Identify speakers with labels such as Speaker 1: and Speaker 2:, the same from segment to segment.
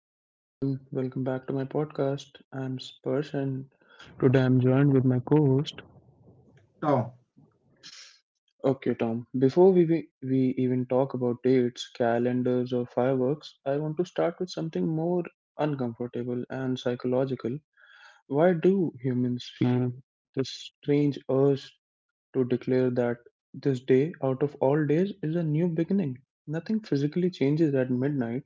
Speaker 1: Hello everyone, welcome back to my podcast. I'm Spurs and today I'm joined with my co-host.
Speaker 2: Tom,
Speaker 1: Okay, Tom, before we even talk about dates, calendars or fireworks, I want to start with something more uncomfortable and psychological. Why do humans feel this strange urge to declare that this day out of all days is a new beginning? Nothing physically changes at midnight.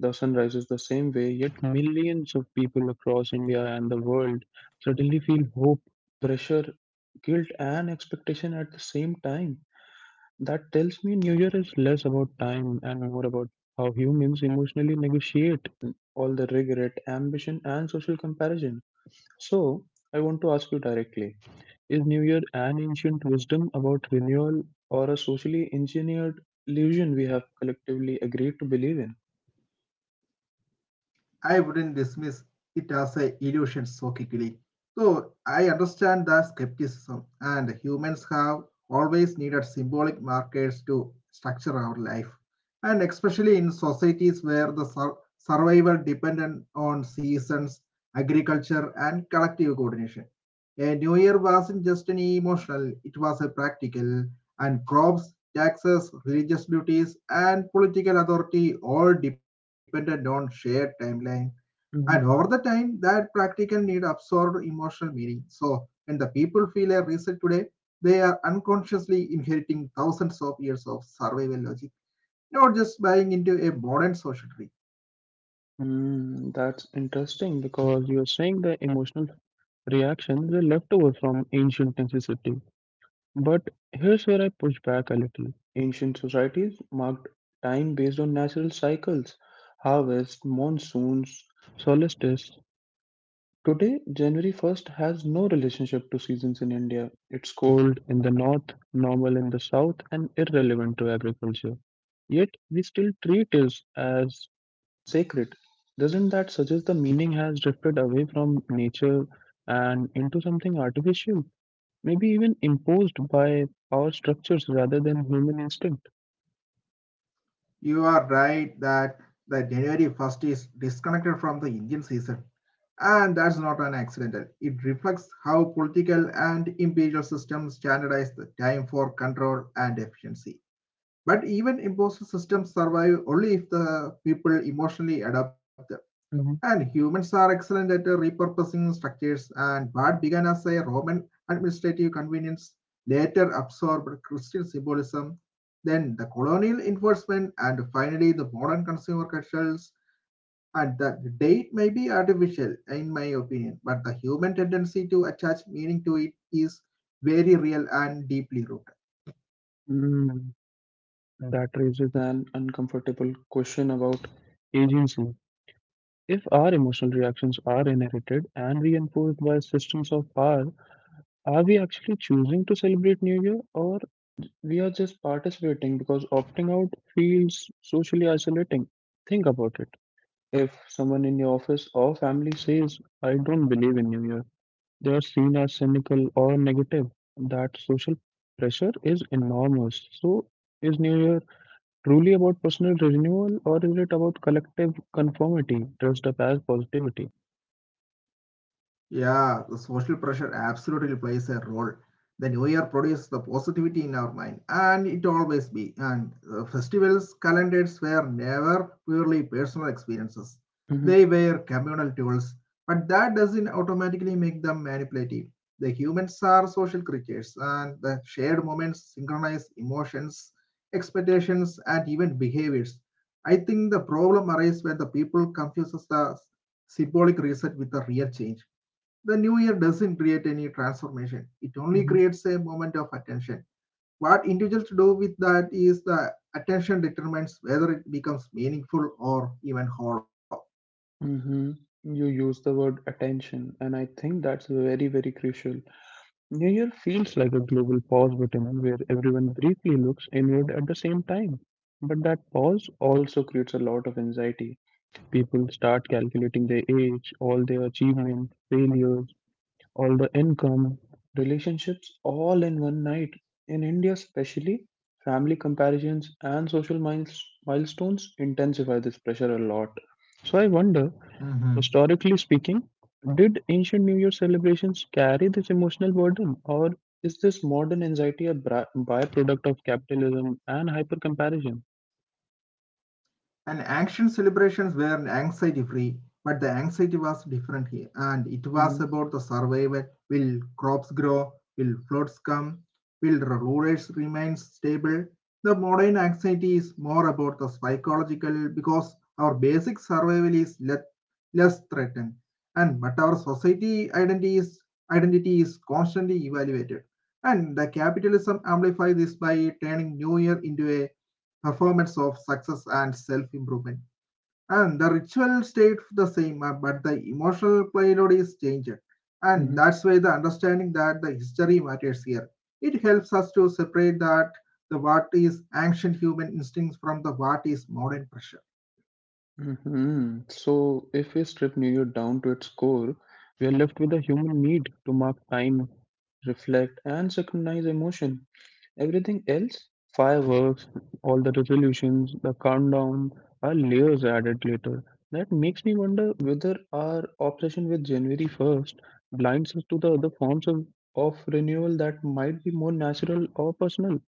Speaker 1: The sun rises the same way, yet millions of people across India and the world suddenly feel hope, pressure, guilt, and expectation at the same time. That tells me New Year is less about time and more about how humans emotionally negotiate all the regret, ambition, and social comparison. So, I want to ask you directly, is New Year an ancient wisdom about renewal or a socially engineered illusion we have collectively agreed to believe
Speaker 2: I wouldn't dismiss it as a illusion so quickly. So I understand the skepticism, and humans have always needed symbolic markers to structure our life, and especially in societies where the survival depended on seasons, agriculture, and collective coordination. A new year wasn't just an emotional, it was a practical, and crops, taxes, religious duties, and political authority all depended on shared timeline. And over the
Speaker 1: in?
Speaker 2: time, that practical need absorbed emotional meaning. So when the people feel a reset today, they are unconsciously inheriting thousands of years of survival logic, not just buying into a modern social.
Speaker 1: Hmm, that's interesting because you're saying the emotional reactions were a leftover from ancient necessity. But here's where I push back a little. Ancient societies marked time based on natural cycles, harvest, monsoons, solstice. Today, January 1st has no relationship to seasons in India. It's cold in the north, normal in the south, and irrelevant to agriculture. Yet we still treat it as sacred. Doesn't that suggest the meaning has drifted away from nature and into something artificial, maybe even imposed by power structures rather than human instinct?
Speaker 2: You are right that the January 1st is disconnected from the Indian season. And that's not an accidental. It reflects how political and imperial systems standardize the time for control and efficiency. But even imposed systems survive only if the people emotionally adapt,
Speaker 1: Mhm.
Speaker 2: and humans are excellent at repurposing structures, and what began as a Roman administrative convenience later absorbed Christian symbolism, then the colonial enforcement, and finally the modern consumer cultures. And the date may be artificial, in my opinion, but the human tendency to attach meaning to it is very real and deeply rooted.
Speaker 1: Mm, that raises an uncomfortable question about agency. If our emotional reactions are inherited and reinforced by systems of power, are we actually choosing to celebrate New Year or we are just participating because opting out feels socially isolating? Think about it. If someone in your office or family says, I don't believe in New Year, they are seen as cynical or negative. That social pressure is enormous. So, is New Year truly about personal renewal or is it about collective conformity dressed up as positivity?
Speaker 2: Yeah, the social pressure absolutely plays a role. The new year produces the positivity in our mind, and it always be. And the festivals, calendars were never purely personal experiences.
Speaker 1: Hmm.
Speaker 2: They were communal tools, but that doesn't automatically make them manipulative. The humans are social creatures, and the shared moments synchronize emotions, expectations, and even behaviors. I think the problem arises when the people confuses the symbolic reset with the real change. The new year doesn't create any transformation; it only
Speaker 1: Hmm.
Speaker 2: creates a moment of attention. What individuals do with that is the attention determines whether it becomes meaningful or even hollow.
Speaker 1: Hmm. You use the word attention, and I think that's very, very crucial. New Year feels like a global pause button, where everyone briefly looks inward at the same time. But that pause also creates a lot of anxiety. People start calculating their age, all their achievements, failures, all the income, relationships all in one night. In India, especially, family comparisons and milestones intensify this pressure a lot. So I wonder,
Speaker 2: Mm-hmm.
Speaker 1: historically speaking, did ancient New Year celebrations carry this emotional burden, or is this modern anxiety a byproduct of capitalism and hyper comparison?
Speaker 2: And ancient celebrations were anxiety free, but the anxiety was different here. And it
Speaker 1: Hmm.
Speaker 2: was about the survival. Will crops grow, will floods come, will rulers remain stable. The modern anxiety is more about the psychological because our basic survival is less threatened, and but our society identity is constantly evaluated. And the capitalism amplifies this by turning New Year into a performance of success and self improvement. And the ritual stayed the same, but the emotional payload is changed. And
Speaker 1: Hmm.
Speaker 2: that's why the understanding that the history matters here. It helps us to separate that the what is ancient human instincts from the what is modern pressure.
Speaker 1: Hmm. So, if we strip New Year down to its core, we are left with a human need to mark time, reflect, and synchronize emotion. Everything else, fireworks, all the resolutions, the countdown, are layers added later. That makes me wonder whether our obsession with January 1st blinds us to the other forms of renewal that might be more natural or personal.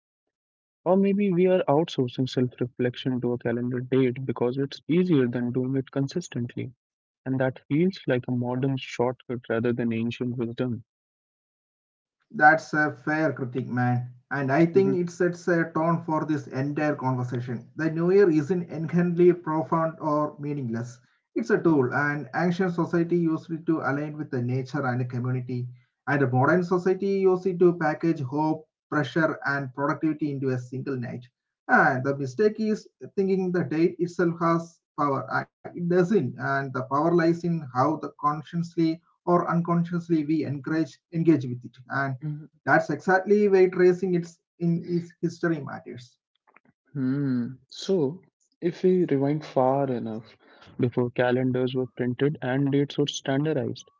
Speaker 1: Or maybe we are outsourcing self reflection to a calendar date because it's easier than doing it consistently. And that feels like a modern shortcut rather than ancient wisdom.
Speaker 2: That's a fair critique, man. And I think it sets a tone for this entire conversation. The New Year isn't inherently profound or meaningless. It's a tool, and ancient society used it to align with the nature and the community, and the modern society used it to package hope, pressure, and productivity into a single night. And the mistake is thinking the date itself has power. It doesn't, and the power lies in how the consciously or unconsciously we encourage engage with it. And
Speaker 1: Mhm.
Speaker 2: that's exactly why tracing its in its history matters.
Speaker 1: Hmm. So, if we rewind far enough before calendars were printed and dates were standardized,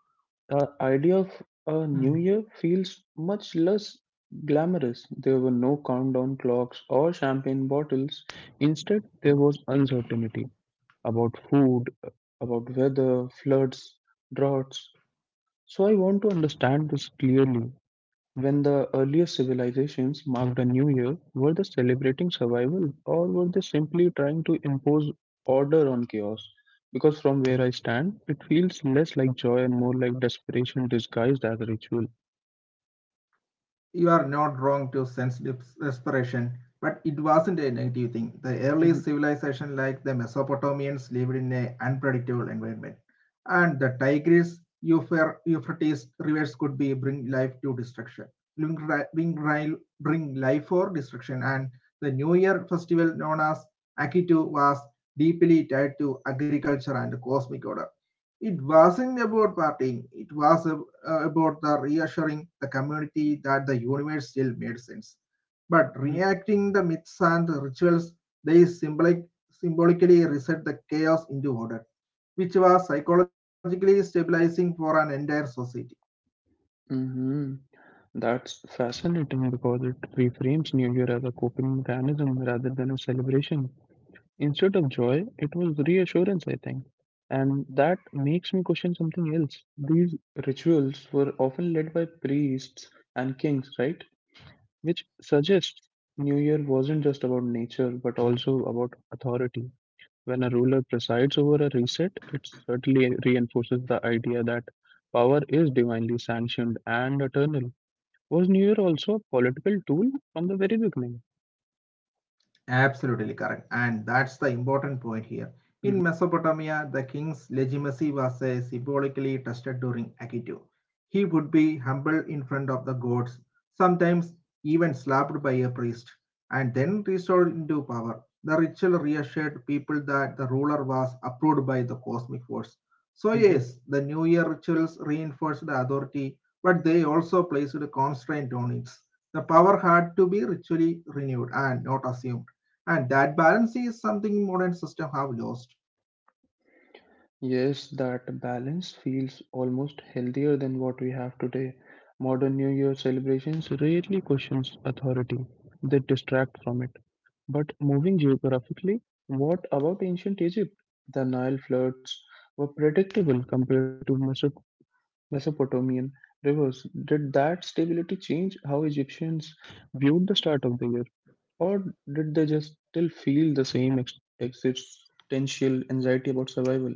Speaker 1: the idea of
Speaker 2: Hmm.
Speaker 1: a new year feels much less glamorous. There were no countdown clocks or champagne bottles. Instead, there was uncertainty about food, about weather, floods, droughts. So, I want to understand this clearly. When the earliest civilizations marked a new year, were they celebrating survival or were they simply trying to impose order on chaos? Because from where I stand, it feels less like joy and more like desperation disguised as ritual.
Speaker 2: You are not wrong to sense desperation, but it wasn't a negative thing. The early civilization like the Mesopotamians lived in an unpredictable environment, and the Tigris, Euphrates rivers could be bring life to destruction, bring, bring, life for destruction. And the New Year festival known as Akitu was deeply tied to agriculture and the cosmic order. It wasn't about partying; it was about the reassuring the community that the universe still made sense. But
Speaker 1: Mm-hmm.
Speaker 2: reacting the myths and the rituals, they symbolically reset the chaos into order, which was psychologically stabilizing for an entire society.
Speaker 1: Hmm. That's fascinating because it reframes New Year as a coping mechanism rather than a celebration. Instead of joy, it was reassurance, I think. And that makes me question something else. These rituals were often led by priests and kings, right? Which suggests New Year wasn't just about nature, but also about authority. When a ruler presides over a reset, it certainly reinforces the idea that power is divinely sanctioned and eternal. Was New Year also a political tool from the very beginning?
Speaker 2: Absolutely correct. And that's the important point here. In Mesopotamia, the king's legitimacy was symbolically tested during Akitu. He would be humbled in front of the gods, sometimes even slapped by a priest, and then restored into power. The ritual reassured people that the ruler was approved by the cosmic force. So,
Speaker 1: Mhm.
Speaker 2: yes, the New Year rituals reinforced the authority, but they also placed a constraint on it. The power had to be ritually renewed and not assumed. And that balance is something modern systems have lost.
Speaker 1: Yes, that balance feels almost healthier than what we have today. Modern New Year celebrations rarely questions authority. They distract from it. But moving geographically, what about ancient Egypt? The Nile floods were predictable compared to Mesopotamian rivers. Did that stability change how Egyptians viewed the start of the year? Or did they just still feel the same existential anxiety about survival?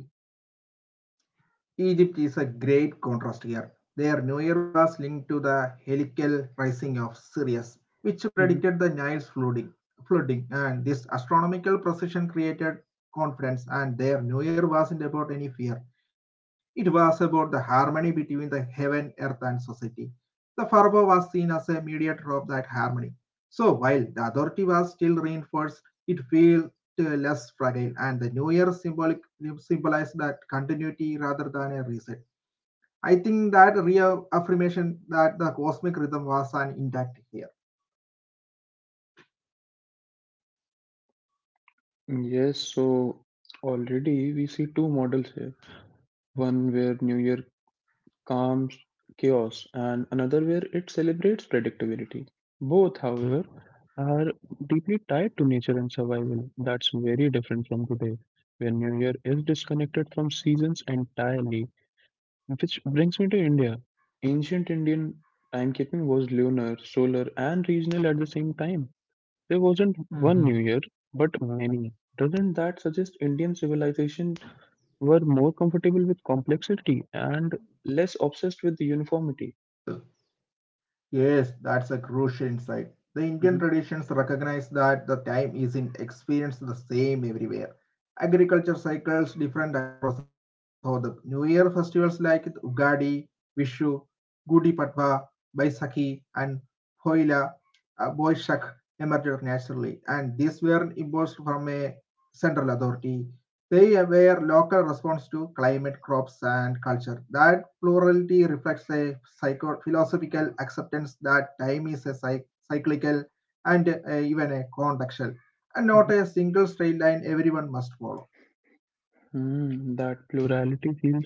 Speaker 2: Egypt is a great contrast here. Their new year was linked to the helical rising of Sirius, which predicted the Nile's flooding. Flooding, and this astronomical precision created confidence. And their new year wasn't about any fear; it was about the harmony between the heaven, earth, and society. The Pharaoh was seen as a mediator of that harmony. So while the authority was still reinforced, it feel uh, less fragile, and the new year symbolic symbolized that continuity rather than a reset. I think that reaffirmation that the cosmic rhythm was an intact here.
Speaker 1: Yes, so already we see two models here. One where New Year calms chaos, and another where it celebrates predictability. Both, however, are deeply tied to nature and survival. That's very different from today, where New Year is disconnected from seasons entirely. Which brings me to India. Ancient Indian timekeeping was lunar, solar, and regional at the same time. There wasn't one New
Speaker 2: Mhm.
Speaker 1: Year, but many. Doesn't that suggest Indian civilization were more comfortable with complexity and less obsessed with uniformity?
Speaker 2: Yes, that's a crucial insight. The Indian
Speaker 1: Mhm.
Speaker 2: traditions recognize that the time isn't experienced the same everywhere. Agriculture cycles different across the regions, so the New Year festivals like Ugadi, Vishu, Gudi Patwa, Baisakhi, and Poila, Boishakh emerged naturally, and these were imposed from a central authority. They were local response to climate, crops, and culture. That plurality reflects a philosophical acceptance that time is a cyclical and even a contextual, and not a single straight line everyone must follow.
Speaker 1: Hmm, that plurality feels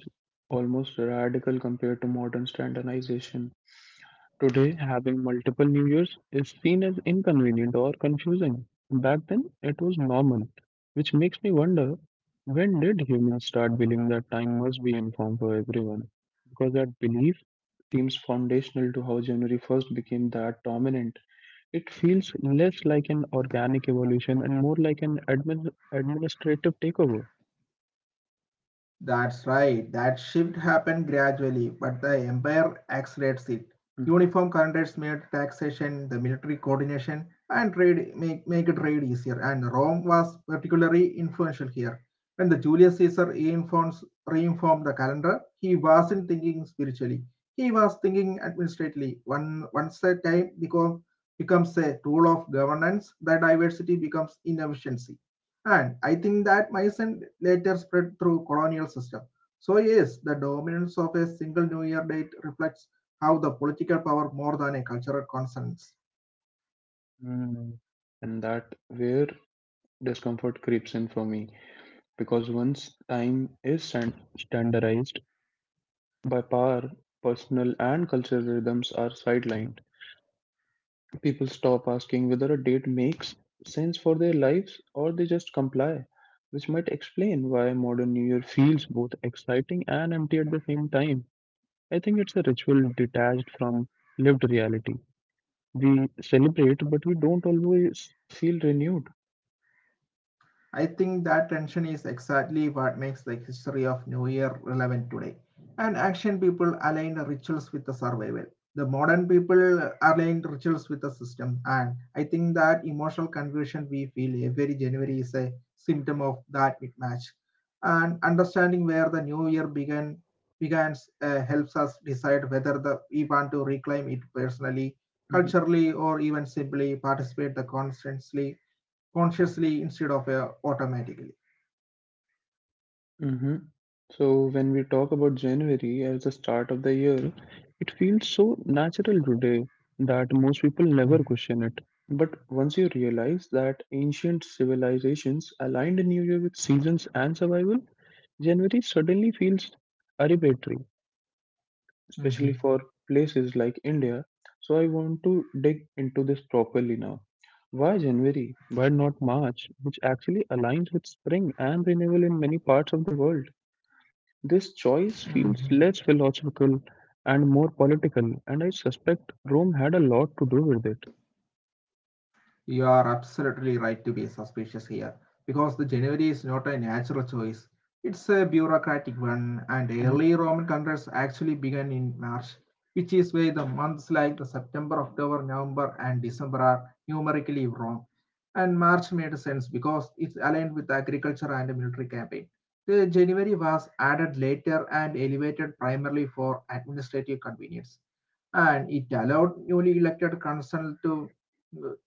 Speaker 1: almost radical compared to modern standardization. Today, having multiple New Years is seen as inconvenient or confusing. Back then, it was normal, which makes me wonder when did humans start believing that time must be informed for everyone? Because that belief seems foundational to how January 1st became that dominant. It feels less like an organic evolution and more like an administrative takeover.
Speaker 2: That's right. That shift happened gradually, but the empire accelerates it. Uniform standards made taxation, the military coordination, and make trade easier. And Rome was particularly influential here. When the Julius Caesar reinformed the calendar, he wasn't thinking spiritually. He was thinking administratively. One once a time become, becomes a tool of governance, the diversity becomes inefficiency. And I think that Mycen later spread through colonial system. So yes, the dominance of a single New Year date reflects how the political power more than a cultural concern.
Speaker 1: Mm. And that where discomfort creeps in for me because once time is standardized by power, personal and cultural rhythms are sidelined. People stop asking whether a date makes sense for their lives or they just comply, which might explain why modern New Year feels both exciting and empty at the same time. I think it's a ritual detached from lived reality. We celebrate, but we don't always feel renewed.
Speaker 2: I think that tension is exactly what makes the history of New Year relevant today. And ancient people aligned rituals with the survival. The modern people aligned rituals with the system. And I think that emotional confusion we feel every January is a symptom of that mismatch. And understanding where the new year began begins helps us decide whether we want to reclaim it personally,
Speaker 1: Mm-hmm.
Speaker 2: culturally, or even simply participate the constantly consciously instead of automatically.
Speaker 1: Mm-hmm. So when we talk about January as the start of the year, it feels so natural today that most people never question it. But once you realize that ancient civilizations aligned New Year with seasons and survival, January suddenly feels arbitrary, especially
Speaker 2: Mm-hmm.
Speaker 1: for places like India. So I want to dig into this properly now. Why January? Why not March, which actually aligns with spring and renewal in many parts of the world? This choice
Speaker 2: Mm-hmm.
Speaker 1: feels less philosophical and more political, and I suspect Rome had a lot to do with it.
Speaker 2: You are absolutely right to be suspicious here because the January is not a natural choice. It's a bureaucratic one, and early Roman calendars actually began in March, which is why the months like the September, October, November, and December are numerically wrong. And March made sense because it's aligned with agriculture and military campaign. The January was added later and elevated primarily for administrative convenience, and it allowed newly elected council to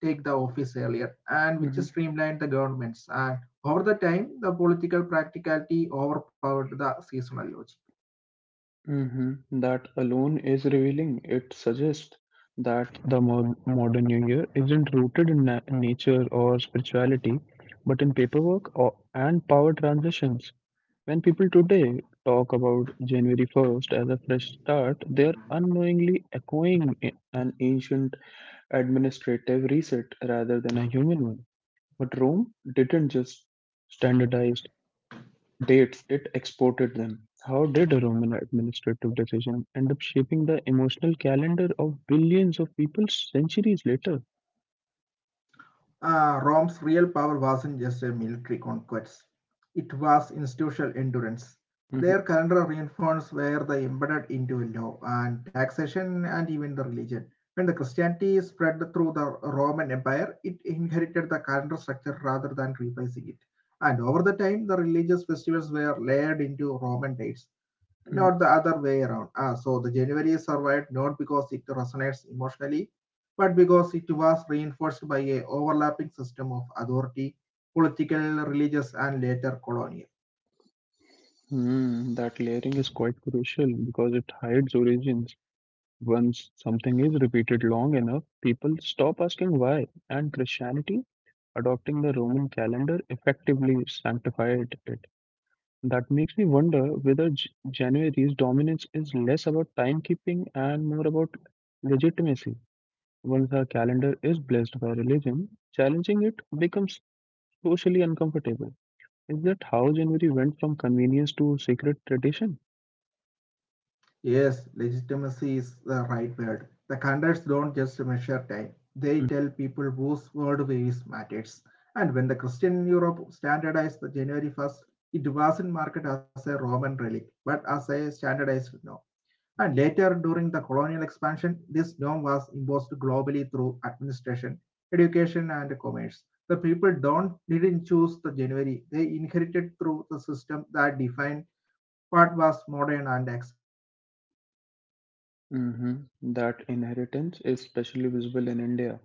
Speaker 2: take the office earlier, and which
Speaker 1: Mhm,
Speaker 2: streamlined the governments and over the time the political practicality overpowered the seasonal logic.
Speaker 1: mhm. That alone is revealing. It suggests that the modern New Year isn't rooted in nature or spirituality, but in paperwork and power transitions. When people today talk about January 1st as a fresh start, they are unknowingly echoing an ancient administrative reset rather than a human one. But Rome didn't just standardize dates, it exported them. How did a Roman administrative decision end up shaping the emotional calendar of billions of people centuries later?
Speaker 2: Uh, rome's real power wasn't just a military conquest, it was institutional endurance.
Speaker 1: Mhm.
Speaker 2: Their calendar reinforcements were the embedded into law and taxation and even the religion. When the Christianity spread through the Roman empire, it inherited the calendar structure rather than replacing it, and over the time the religious festivals were layered into Roman dates, not the other way around. Ah, so the January survived not because it resonates emotionally, but because it was reinforced by a overlapping system of authority, political, religious, and later colonial.
Speaker 1: Hmm, that layering is quite crucial because it hides origins. Once something is repeated long enough, people stop asking why, and Christianity, adopting the Roman calendar, effectively sanctified it. That makes me wonder whether January's dominance is less about timekeeping and more about legitimacy. Once our calendar is blessed by religion, challenging it becomes socially uncomfortable. Is that how January went from convenience to sacred tradition?
Speaker 2: Yes, legitimacy is the right word. The counts don't just measure time; they tell people whose word weighs matters. And when the Christian Europe standardized the January 1st, it wasn't marked as a Roman relic, but as a standardized no. And later, during the colonial expansion, this norm was imposed globally through administration, education, and commerce. The people don't didn't choose the January; they inherited through the system that defined what was modern and acceptable.
Speaker 1: Hmm. That inheritance is especially visible in India.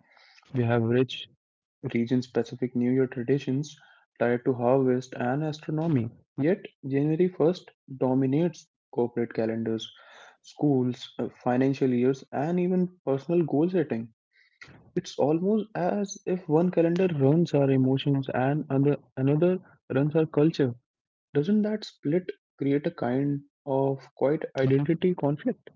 Speaker 1: We have rich region-specific New Year traditions tied to harvest and astronomy. Yet, January 1st dominates corporate calendars, schools, financial years, and even personal goal setting. It's almost as if one calendar runs our emotions and another runs our culture. Doesn't that split create a kind of quite identity conflict?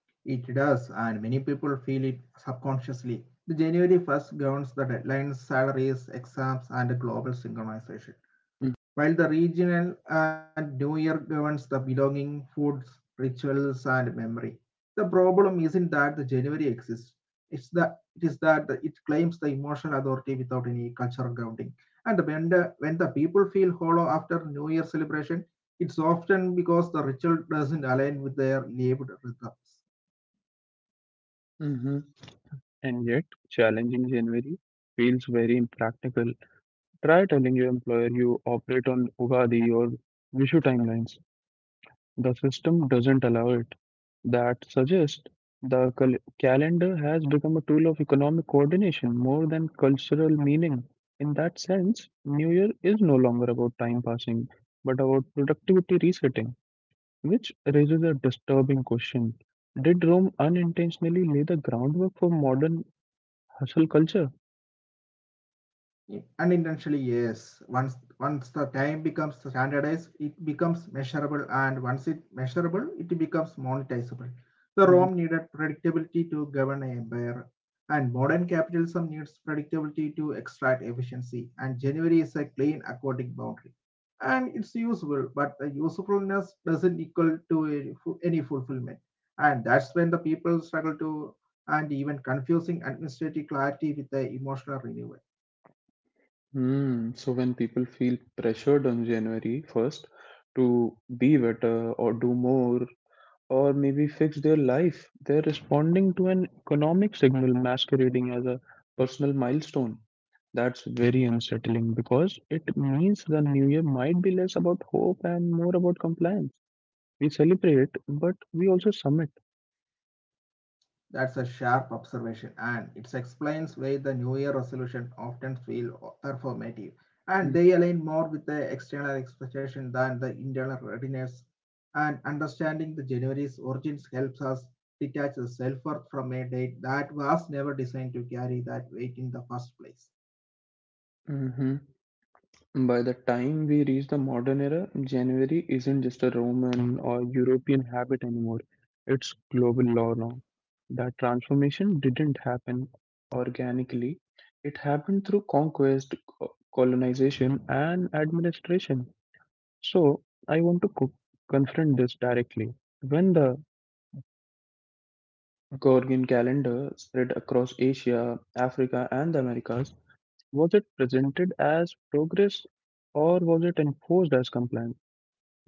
Speaker 2: It does, and many people feel it subconsciously. The January 1st governs the deadlines, salaries, exams, and global synchronization, while the regional and New Year governs the belonging, foods, rituals, and memory. The problem isn't that the January exists. It's that it is that it claims the emotional authority without any cultural grounding. And when the people feel hollow after New Year celebration, it's often because the ritual doesn't align with their lived rhythms.
Speaker 1: Mm-hmm. And yet, challenging January feels very impractical. Try telling your employer you operate on Ugadi or Vishu timelines. The system doesn't allow it. That suggests the calendar has become a tool of economic coordination more than cultural meaning. In that sense, New Year is no longer about time passing, but about productivity resetting, which raises a disturbing question. Did Rome unintentionally lay the groundwork for modern hustle culture?
Speaker 2: Unintentionally, yes. Once once the time becomes standardized, it becomes measurable, and once it measurable it becomes monetizable. The Rome needed predictability to govern an empire, and modern capitalism needs predictability to extract efficiency, and January is a clean aquatic boundary, and it's useful, but the usefulness doesn't equal to a any fulfillment, and that's when the people struggle to and even confusing administrative clarity with the emotional renewal.
Speaker 1: Mm, so when people feel pressured on January 1st to be better or do more or maybe fix their life, they're responding to an economic signal masquerading as a personal milestone. That's very unsettling because it means the new year might be less about hope and more about compliance. We celebrate, but we also submit.
Speaker 2: That's a sharp observation, and it explains why the New Year resolution often feel performative, and they align more with the external expectation than the internal readiness. And understanding the January's origins helps us detach the self worth from a date that was never designed to carry that weight in the first place.
Speaker 1: Mm-hmm. By the time we reach the modern era, January isn't just a Roman or European habit anymore. It's global law now. That transformation didn't happen organically. It happened through conquest, colonization, and administration. So, I want to confront this directly. When the Gregorian calendar spread across Asia, Africa, and the Americas, was it presented as progress or was it enforced as compliance?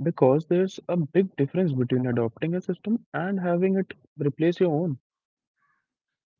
Speaker 1: Because there's a big difference between adopting a system and having it replace your own.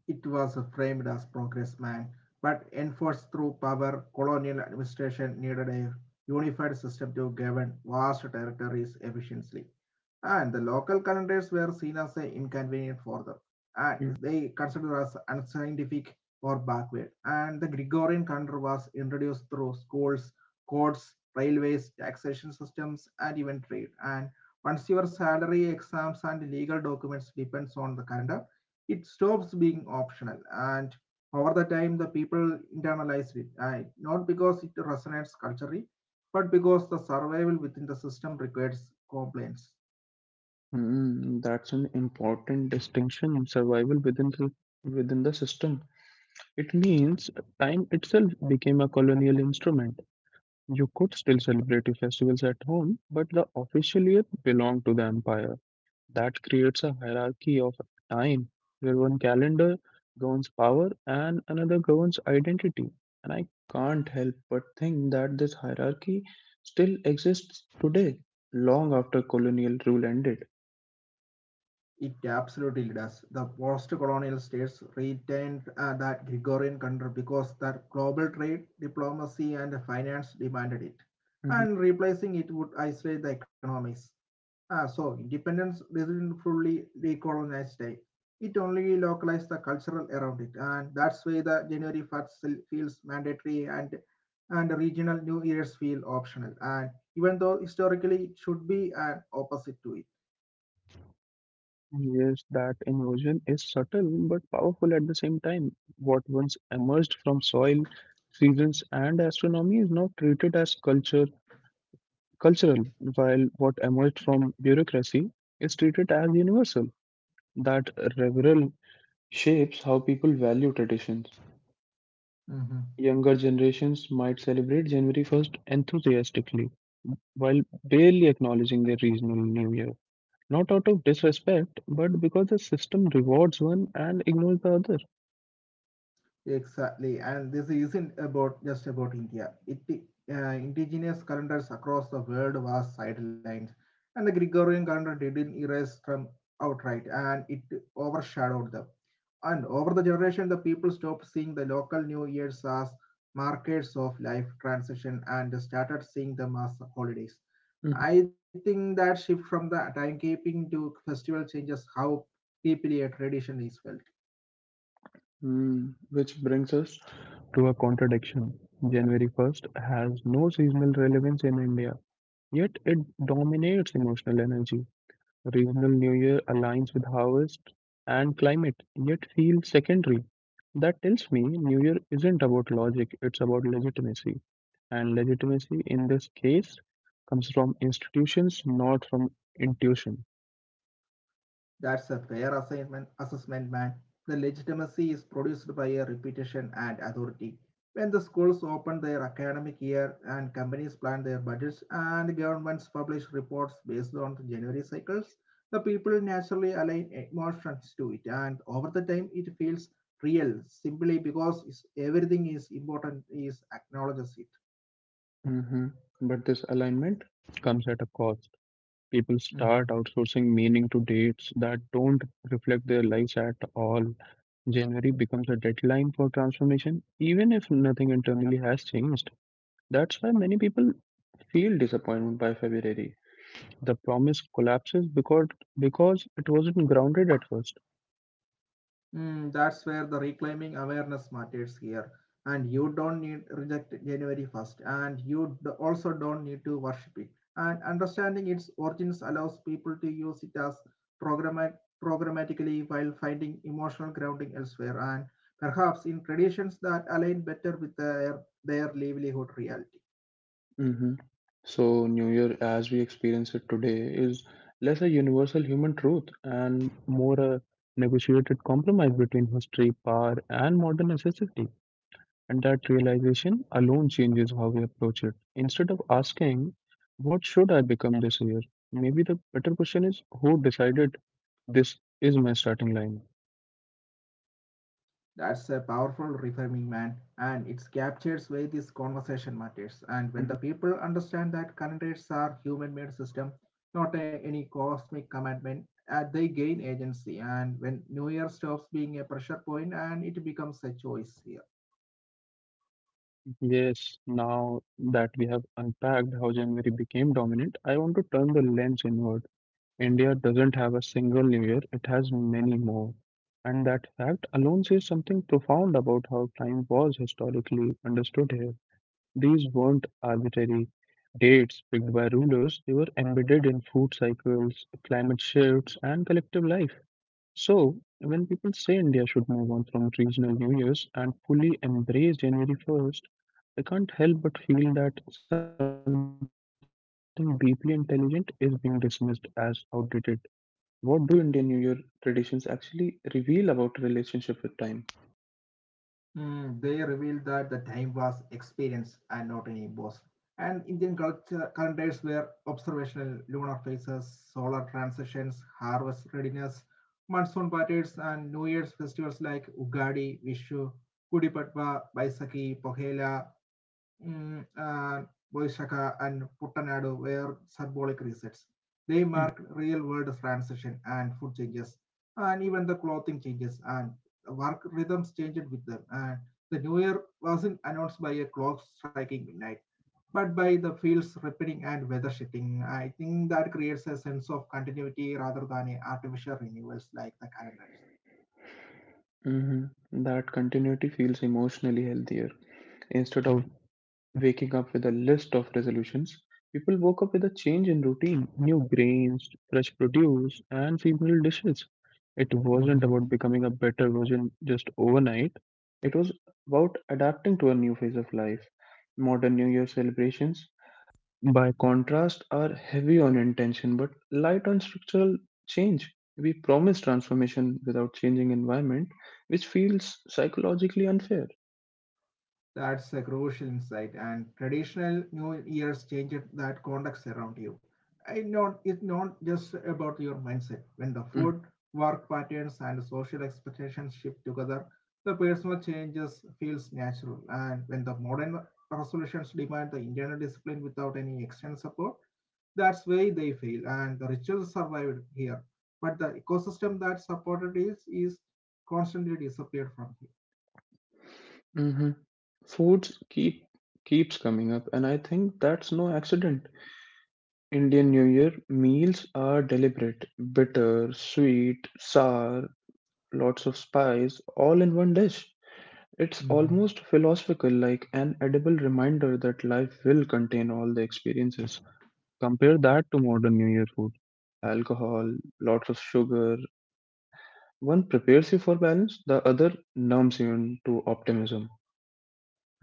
Speaker 2: It was framed as progress, man, but enforced through power. Colonial administration needed a unified system to govern vast territories efficiently. And the local calendars were seen as inconvenient for them, and they considered as unscientific or backward. And the Gregorian calendar was introduced through schools, courts, railways, taxation systems, and even trade. And once your salary, exams, and legal documents depends on the calendar, it stops being optional, and over the time the people internalize it, not because it resonates culturally but because the survival within the system requires compliance.
Speaker 1: Mm, that's an important distinction in survival within within the system. It means time itself became a colonial instrument. You could still celebrate your festivals at home, but the official year belonged to the empire. That creates a hierarchy of time where one calendar governs power and another governs identity. And I can't help but think that this hierarchy still exists today, long after colonial rule ended.
Speaker 2: It absolutely does. The post-colonial states retained that Gregorian control because their global trade, diplomacy, and finance demanded it,
Speaker 1: Mhm.
Speaker 2: and replacing it would isolate the economies. So independence didn't fully decolonize state. It only localized the cultural around it, and that's why the January 1st feels mandatory, and regional New Year's feel optional. And even though historically it should be an opposite to it.
Speaker 1: Yes, that inversion is subtle but powerful at the same time. What once emerged from soil, seasons, and astronomy is now treated as cultural, while what emerged from bureaucracy is treated as universal. That revival shapes how people value traditions.
Speaker 2: Mm-hmm.
Speaker 1: Younger generations might celebrate January 1st enthusiastically while barely acknowledging their regional new year. Not out of disrespect, but because the system rewards one and ignores the other.
Speaker 2: Exactly, and this isn't about just about India. Indigenous calendars across the world was sidelined, and the Gregorian calendar didn't erase them outright, and it overshadowed them. And over the generation, the people stopped seeing the local New Year's as markers of life transition and started seeing them as holidays.
Speaker 1: Mhm.
Speaker 2: I think that shift from the timekeeping to festival changes how deeply a tradition is felt.
Speaker 1: Hmm, which brings us to a contradiction. January 1st has no seasonal relevance in India, yet it dominates emotional energy. Regional New Year aligns with harvest and climate, yet feels secondary. That tells me New Year isn't about logic, it's about legitimacy. And legitimacy in this case comes from institutions, not from intuition.
Speaker 2: That's a fair assessment, man. The legitimacy is produced by a reputation and authority. When the schools open their academic year and companies plan their budgets and governments publish reports based on the January cycles, the people naturally align emotions to it, and over the time it feels real, simply because everything is important is acknowledges it.
Speaker 1: Hmm. But this alignment comes at a cost. People
Speaker 2: Mm-hmm.
Speaker 1: start outsourcing meaning to dates that don't reflect their lives at all. January becomes a deadline for transformation, even if nothing internally has changed. That's why many people feel disappointment by February. The promise collapses because it wasn't grounded at first.
Speaker 2: Mm, that's where the reclaiming awareness matters here. And you don't need reject January 1st, and you also don't need to worship it. And understanding its origins allows people to use it as programma- programmatically while finding emotional grounding elsewhere, and perhaps in traditions that align better with their livelihood reality.
Speaker 1: Hmm. So, New Year as we experience it today is less a universal human truth and more a negotiated compromise between history, power, and modern necessity. And that realization alone changes how we approach it. Instead of asking, what should I become this year? Maybe the better question is, who decided this is my starting line?
Speaker 2: That's a powerful reframing, man, and it captures why this conversation matters. And when the people
Speaker 1: Mm-hmm.
Speaker 2: understand that current rates are human-made system, not any cosmic commandment, they gain agency. And when New Year stops being a pressure point, and it becomes a choice here.
Speaker 1: Yes, now that we have unpacked how January became dominant, I want to turn the lens inward. India doesn't have a single new year, it has many more. And that fact alone says something profound about how time was historically understood here. These weren't arbitrary dates picked by rulers, they were embedded in food cycles, climate shifts, and collective life. So, when people say India should move on from regional New Year's and fully embrace January 1st, I can't help but feel that something deeply intelligent is being dismissed as outdated. What do Indian New Year traditions actually reveal about relationship with time?
Speaker 2: Mm, they revealed that the time was experience and not any boss. And Indian culture calendars were observational lunar phases, solar transitions, harvest readiness, monsoon patterns, and New Year's festivals like Ugadi, Vishu, Gudi Padwa, Baisakhi, Pohela, mm, uh, Boishaka and Puttanadu were symbolic resets. They
Speaker 1: Mhm.
Speaker 2: marked real world transition and food changes, and even the clothing changes and work rhythms changed with them. And the new year wasn't announced by a clock striking midnight, but by the fields ripening and weather shifting. I think that creates a sense of continuity rather than a artificial renewals like the calendars.
Speaker 1: Mhm. That continuity feels emotionally healthier instead of waking up with a list of resolutions, people woke up with a change in routine, new grains, fresh produce, and seasonal dishes. It wasn't
Speaker 2: Mm-hmm.
Speaker 1: about becoming a better version just overnight, it was about adapting to a new phase of life. Modern New Year celebrations, by contrast, are heavy on intention but light on structural change. We promise transformation without changing environment, which feels psychologically unfair.
Speaker 2: That's a crucial insight, and traditional New Year's changes that context around you. I not, It's not just about your mindset. When the food, work patterns, and social expectations shift together, the personal changes feels natural. And when the modern resolutions demand the internal discipline without any external support, that's why they fail, and the rituals survived here. But the ecosystem that supported is constantly disappeared from here.
Speaker 1: Mhm. Foods keeps coming up, and I think that's no accident. Indian New Year meals are deliberate, bitter, sweet, sour, lots of spice, all in one dish. It's
Speaker 2: Mm-hmm.
Speaker 1: almost philosophical, like an edible reminder that life will contain all the experiences. Compare that to modern New Year food. Alcohol, lots of sugar. One prepares you for balance, the other numbs you to optimism.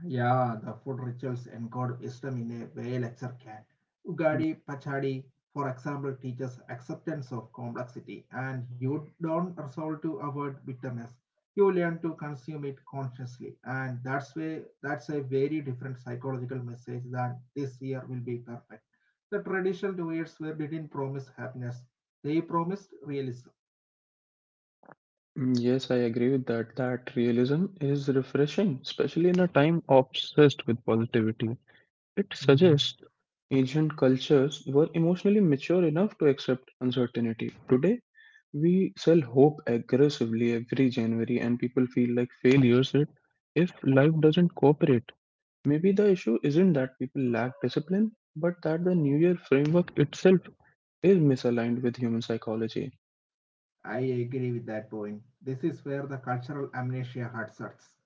Speaker 2: Yeah, the food rituals encode wisdom in a way lecture can. Ugadi Pachadi, for example, teaches acceptance of complexity, and you don't resolve to avoid bitterness. You learn to consume it consciously, and that's a very different psychological message than this year will be perfect. The traditional years were didn't promise happiness; they promised realism.
Speaker 1: Mm, yes, I agree with that. That realism is refreshing, especially in a time obsessed with positivity. It suggests ancient cultures were emotionally mature enough to accept uncertainty. Today, we sell hope aggressively every January, and people feel like failures it if life doesn't cooperate. Maybe the issue isn't that people lack discipline, but that the New Year framework itself is misaligned with human psychology.
Speaker 2: I agree with that point. This is where the cultural amnesia hurts us.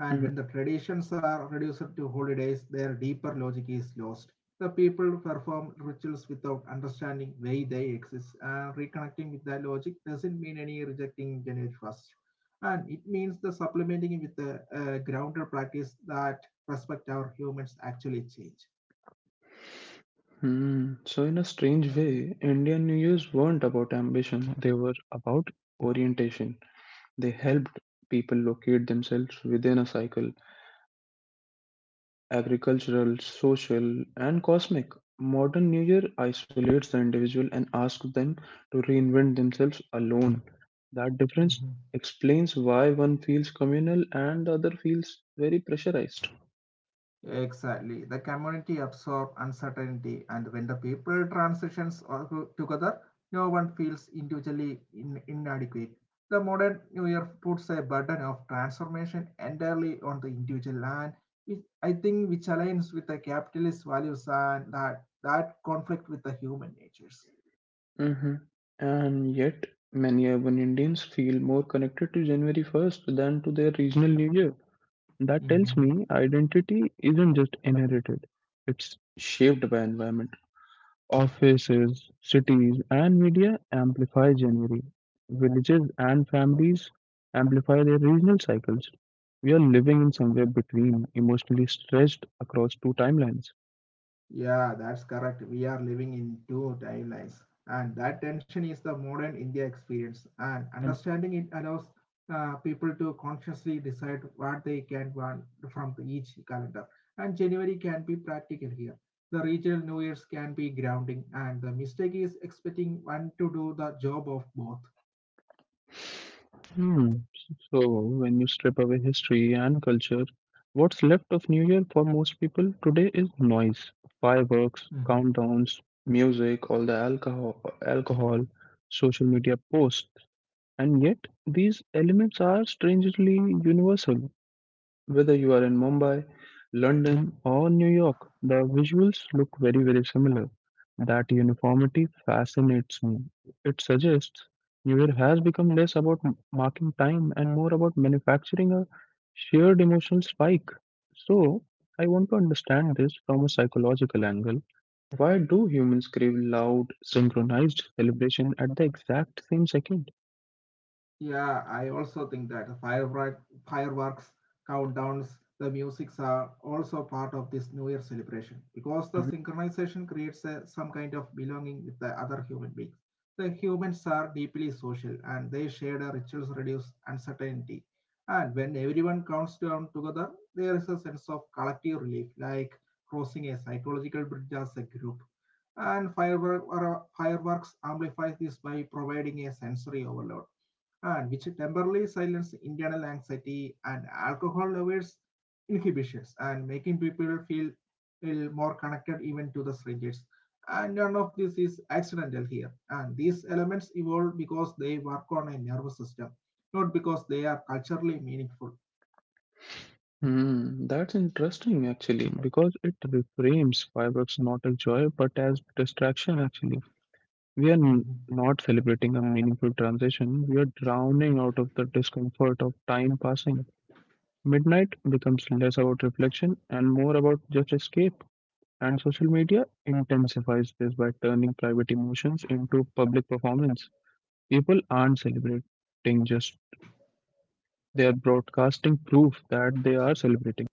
Speaker 2: And
Speaker 1: Mm-hmm.
Speaker 2: when the traditions are reduced to holidays, their deeper logic is lost. The people perform rituals without understanding why they exist, and reconnecting with that logic doesn't mean any rejecting January 1st. And it means the supplementing with the grounded practice that respect our humans actually change.
Speaker 1: Hmm. So, in a strange way, Indian New Years weren't about ambition, they were about orientation. They helped people locate themselves within a cycle agricultural, social, and cosmic. Modern New Year isolates the individual and asks them to reinvent themselves alone. That difference
Speaker 2: Mhm.
Speaker 1: explains why one feels communal and the other feels very pressurized.
Speaker 2: Exactly. The community absorb uncertainty, and when the people transitions are together, no one feels individually inadequate. The modern New Year puts a burden of transformation entirely on the individual, and which I think which aligns with the capitalist values and that conflict with the human natures.
Speaker 1: Hmm. And yet, many urban Indians feel more connected to January 1st than to their regional New Year. That tells me identity isn't just inherited, it's shaped by environment. Offices, cities, and media amplify January. Villages and families amplify their regional cycles. We are living in somewhere between, emotionally stretched across two timelines.
Speaker 2: Yeah, that's correct. We are living in two timelines, and that tension is the modern India experience. And understanding it allows people to consciously decide what they can want from each calendar. And January can be practical here. The regional New Year's can be grounding, and the mistake is expecting one to do the job of both.
Speaker 1: Hmm. So, when you strip away history and culture, what's left of New Year for most people today is noise, fireworks, countdowns, music, all the alcohol, social media posts, and yet these elements are strangely universal. Whether you are in Mumbai, London, or New York, the visuals look very, very similar. That uniformity fascinates me. It suggests New Year has become less about marking time and more about manufacturing a shared emotional spike. So, I want to understand this from a psychological angle. Why do humans crave loud, synchronized celebration at the exact same second?
Speaker 2: Yeah, I also think that fireworks, countdowns, the musics are also part of this New Year celebration because the synchronization creates some kind of belonging with the other human beings. The humans are deeply social and they share the rituals reduce uncertainty. And when everyone counts down together, there is a sense of collective relief, like crossing a psychological bridge as a group. And fireworks amplifies this by providing a sensory overload, and which temporarily silence internal anxiety and alcohol levels inhibitions and making people feel more connected even to the strangers. And none of this is accidental here. And these elements evolve because they work on a nervous system, not because they are culturally meaningful.
Speaker 1: Hmm, that's interesting actually because it reframes fireworks not as joy but as distraction actually. We are
Speaker 2: Mhm.
Speaker 1: not celebrating a meaningful transition, we are drowning out of the discomfort of time passing. Midnight becomes less about reflection and more about just escape, and social media intensifies this by turning private emotions into public performance. People aren't celebrating just they are broadcasting proof that they are celebrating.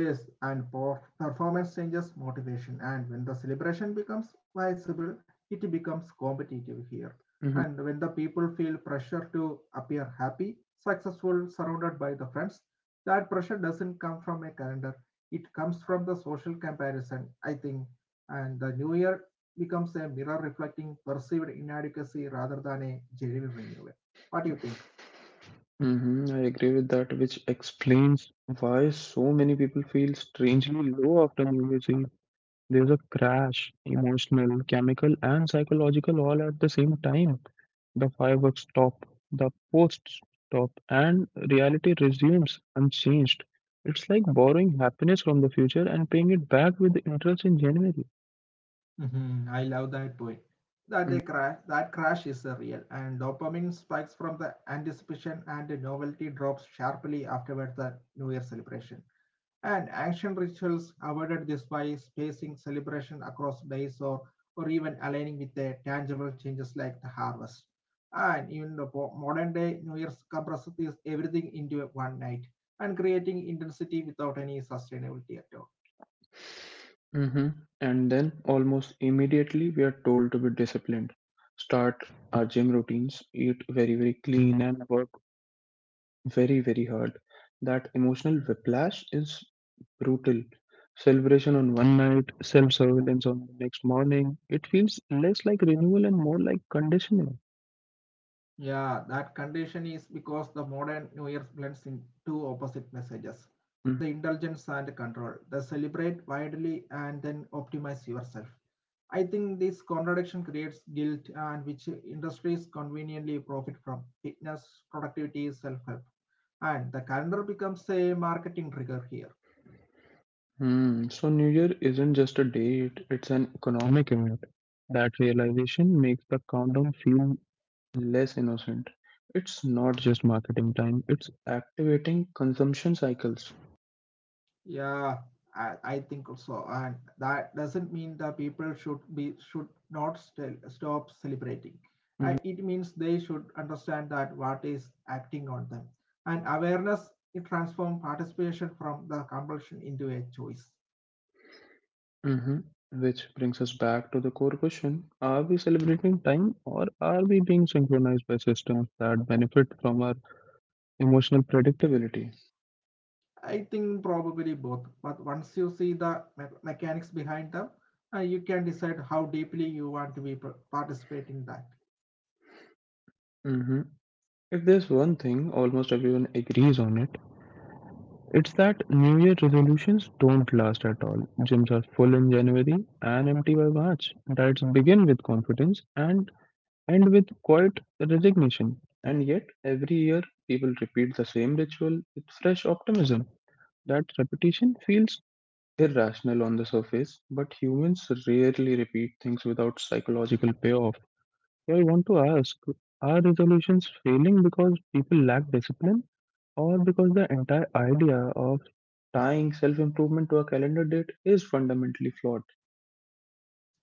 Speaker 2: Yes, and performance changes motivation, and when the celebration becomes visible, it becomes competitive here.
Speaker 1: Mhm.
Speaker 2: And when the people feel pressure to appear happy, successful, surrounded by the friends, that pressure doesn't come from a calendar. It comes from the social comparison, I think. And the new year becomes a mirror reflecting perceived inadequacy rather than a genuine renewal. What do you think?
Speaker 1: Hmm, I agree with that, which explains why so many people feel strangely low after New Year's Eve. There's a crash, emotional, chemical, and psychological all at the same time. The fireworks stop, the posts stop, and reality resumes unchanged. It's like borrowing happiness from the future and paying it back with interest in January.
Speaker 2: Mhm, I love that point. That crash is a real, and dopamine spikes from the anticipation and the novelty drops sharply afterward the New Year celebration. And ancient rituals avoided this by spacing celebration across days or even aligning with the tangible changes like the harvest. And even the modern day New Year's compresses this everything into one night and creating intensity without any sustainability at all.
Speaker 1: Mhm. And then, almost immediately, we are told to be disciplined, start our gym routines, eat very, very clean, and work very, very hard. That emotional whiplash is brutal. Celebration on one night, self surveillance on the next morning. It feels less like renewal and more like conditioning.
Speaker 2: Yeah, that condition is because the modern New Year blends in two opposite messages: the indulgence and control. The celebrate widely and then optimize yourself. I think this contradiction creates guilt, and which industries conveniently profit from fitness, productivity, self help. And the calendar becomes a marketing trigger here.
Speaker 1: Hmm. So New Year isn't just a date, it's an economic event. That realization makes the countdown feel less innocent. It's not just marketing time, it's activating consumption cycles.
Speaker 2: Yeah, I think also, and that doesn't mean the people should not stop celebrating. I, it means they should understand that what is acting on them, and awareness it transforms participation from the compulsion into a choice.
Speaker 1: Hmm. Which brings us back to the core question: are we celebrating time or are we being synchronized by systems that benefit from our emotional predictability?
Speaker 2: I think probably both, but once you see the mechanics behind them, you can decide how deeply you want to be participate in that.
Speaker 1: Hmm. If there's one thing almost everyone agrees on it, it's that New Year resolutions don't last at all. Gyms are full in January and empty by March. Diets begin with confidence and with quiet resignation. And yet, every year, people repeat the same ritual with fresh optimism. That repetition feels irrational on the surface, but humans rarely repeat things without psychological payoff. So, I want to ask, are resolutions failing because people lack discipline? Or because the entire idea of tying self improvement to a calendar date is fundamentally flawed.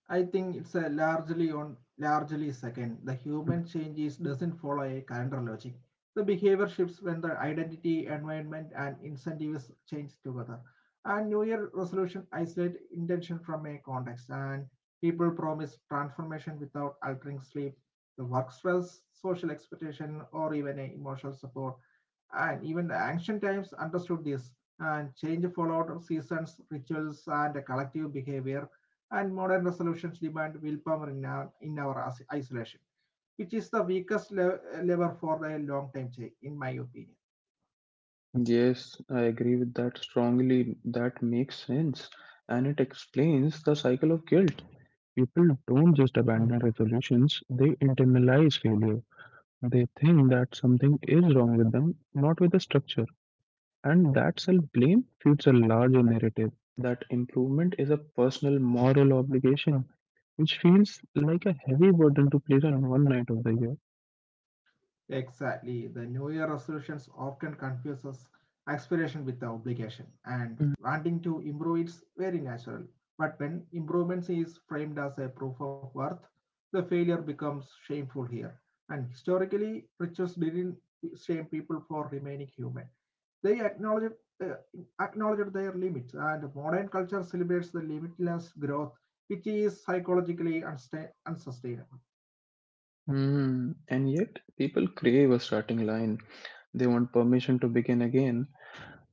Speaker 2: I think it's a largely second. The human changes doesn't follow a calendar logic. The behavior shifts when the identity, environment, and incentives change together. And New Year resolution isolate intention from a context, and people promise transformation without altering sleep, the work stress, social expectation, or even a emotional support. And even the ancient times understood this, and change followed seasons, rituals, and a collective behavior, and modern resolutions demand willpower in in our isolation, which is the weakest lever for a long time change, in my opinion.
Speaker 1: Yes, I agree with that strongly. That makes sense. And it explains the cycle of guilt. People don't just
Speaker 2: Mhm.
Speaker 1: abandon resolutions, they internalize failure. They think that something is wrong with them, not with the structure. And that self blame feeds a larger narrative that improvement is a personal moral obligation, which feels like a heavy burden to place on one night of the year.
Speaker 2: Exactly. The New Year resolutions often confuses aspiration with the obligation, and wanting to improve is very natural. But when improvement is framed as a proof of worth, the failure becomes shameful here. And historically, rituals didn't shame people for remaining human. They acknowledge, uh, acknowledged their limits, and modern culture celebrates the limitless growth, which is psychologically unsustainable.
Speaker 1: Hmm. And yet, people crave a starting line. They want permission to begin again.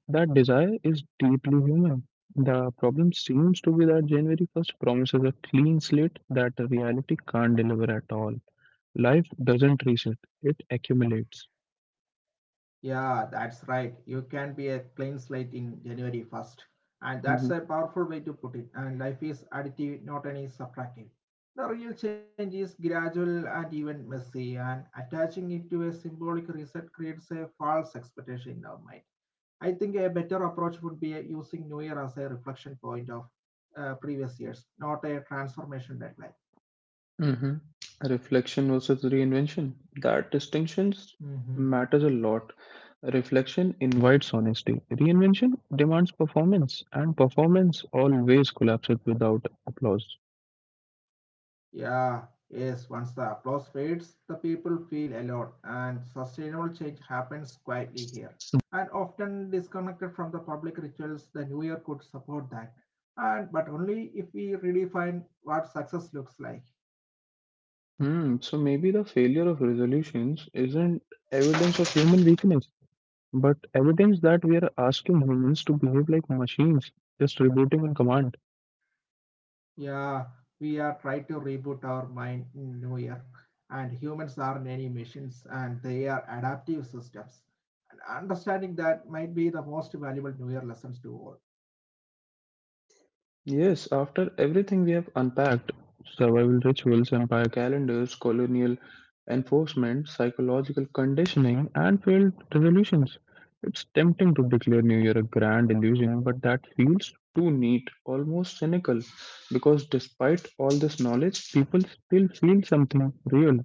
Speaker 1: That desire is deeply human. The problem seems to be that January 1st promises a clean slate that reality can't deliver at all. Life doesn't reset, it accumulates.
Speaker 2: Yeah, that's right. You can be a clean slate in January 1st. And that's
Speaker 1: Mm-hmm.
Speaker 2: a powerful way to put it. And life is additive, not any subtractive. The real change is gradual and even messy, and attaching it to a symbolic reset creates a false expectation in our mind. I think a better approach would be using New Year as a reflection point of previous years, not a transformation deadline.
Speaker 1: Mhm. Reflection versus reinvention. That distinctions
Speaker 2: Mhm.
Speaker 1: matters a lot. Reflection invites honesty. Reinvention demands performance, and performance always collapses without applause.
Speaker 2: Yeah, yes, once the applause fades, the people feel alone, and sustainable change happens quietly here. And often disconnected from the public rituals, the new year could support that. And but only if we redefine what success looks like.
Speaker 1: Hmm. So maybe the failure of resolutions isn't evidence of human weakness, but evidence that we are asking humans to behave like machines, just rebooting on command.
Speaker 2: Yeah, we are trying to reboot our mind in New Year, and humans are many machines and they are adaptive systems. And understanding that might be the most valuable New Year lessons to all.
Speaker 1: Yes, after everything we have unpacked survival rituals, empire calendars, colonial enforcement, psychological conditioning, and failed revolutions, it's tempting to declare New Year a grand illusion, but that feels too neat, almost cynical, because despite all this knowledge, people still feel something real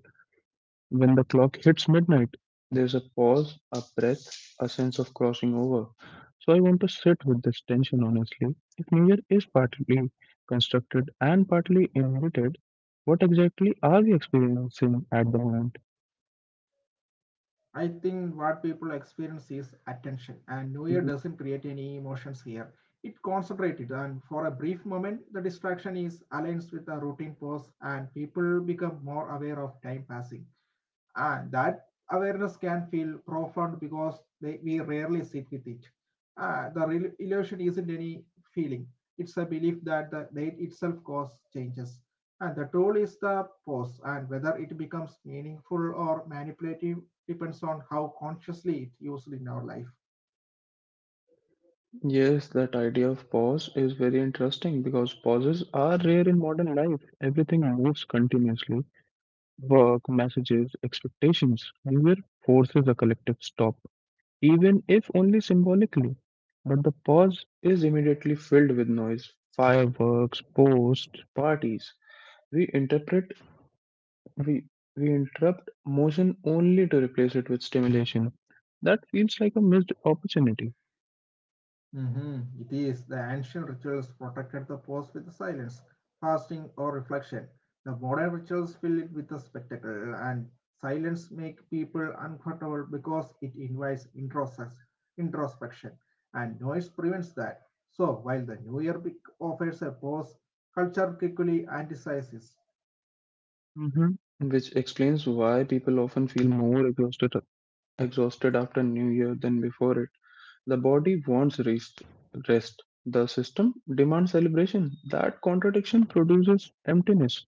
Speaker 1: when the clock hits midnight, there's a pause, a breath, a sense of crossing over. So I want to sit with this tension honestly. If New Year is partly constructed and partly invented, what exactly are we experiencing at the moment?
Speaker 2: I think what people experience is attention, and New Year
Speaker 1: Mhm.
Speaker 2: doesn't create any emotions here. It concentrated, and for a brief moment, the distraction is aligns with the routine pause, and people become more aware of time passing. And that awareness can feel profound because we rarely sit with it. The illusion isn't any feeling; it's a belief that the date itself causes changes, and the tool is the pause. And whether it becomes meaningful or manipulative depends on how consciously it's used in our life.
Speaker 1: Yes, that idea of pause is very interesting because pauses are rare in modern life. Everything moves continuously work, messages, expectations. New Year forces a collective stop, even if only symbolically. But the pause is immediately filled with noise, fireworks, posts, parties. We interpret, we, we interrupt motion only to replace it with stimulation. That feels like a missed opportunity.
Speaker 2: Mhm. It is the ancient rituals protected the past with silence, fasting, or reflection. The modern rituals fill it with a spectacle, and silence make people uncomfortable because it invites introspection, and noise prevents that. So, while the offers a pause, culture quickly anticipates it.
Speaker 1: Mhm. Which explains why people often feel more exhausted after New Year than before it. The body wants rest. The system demands celebration. That contradiction produces emptiness.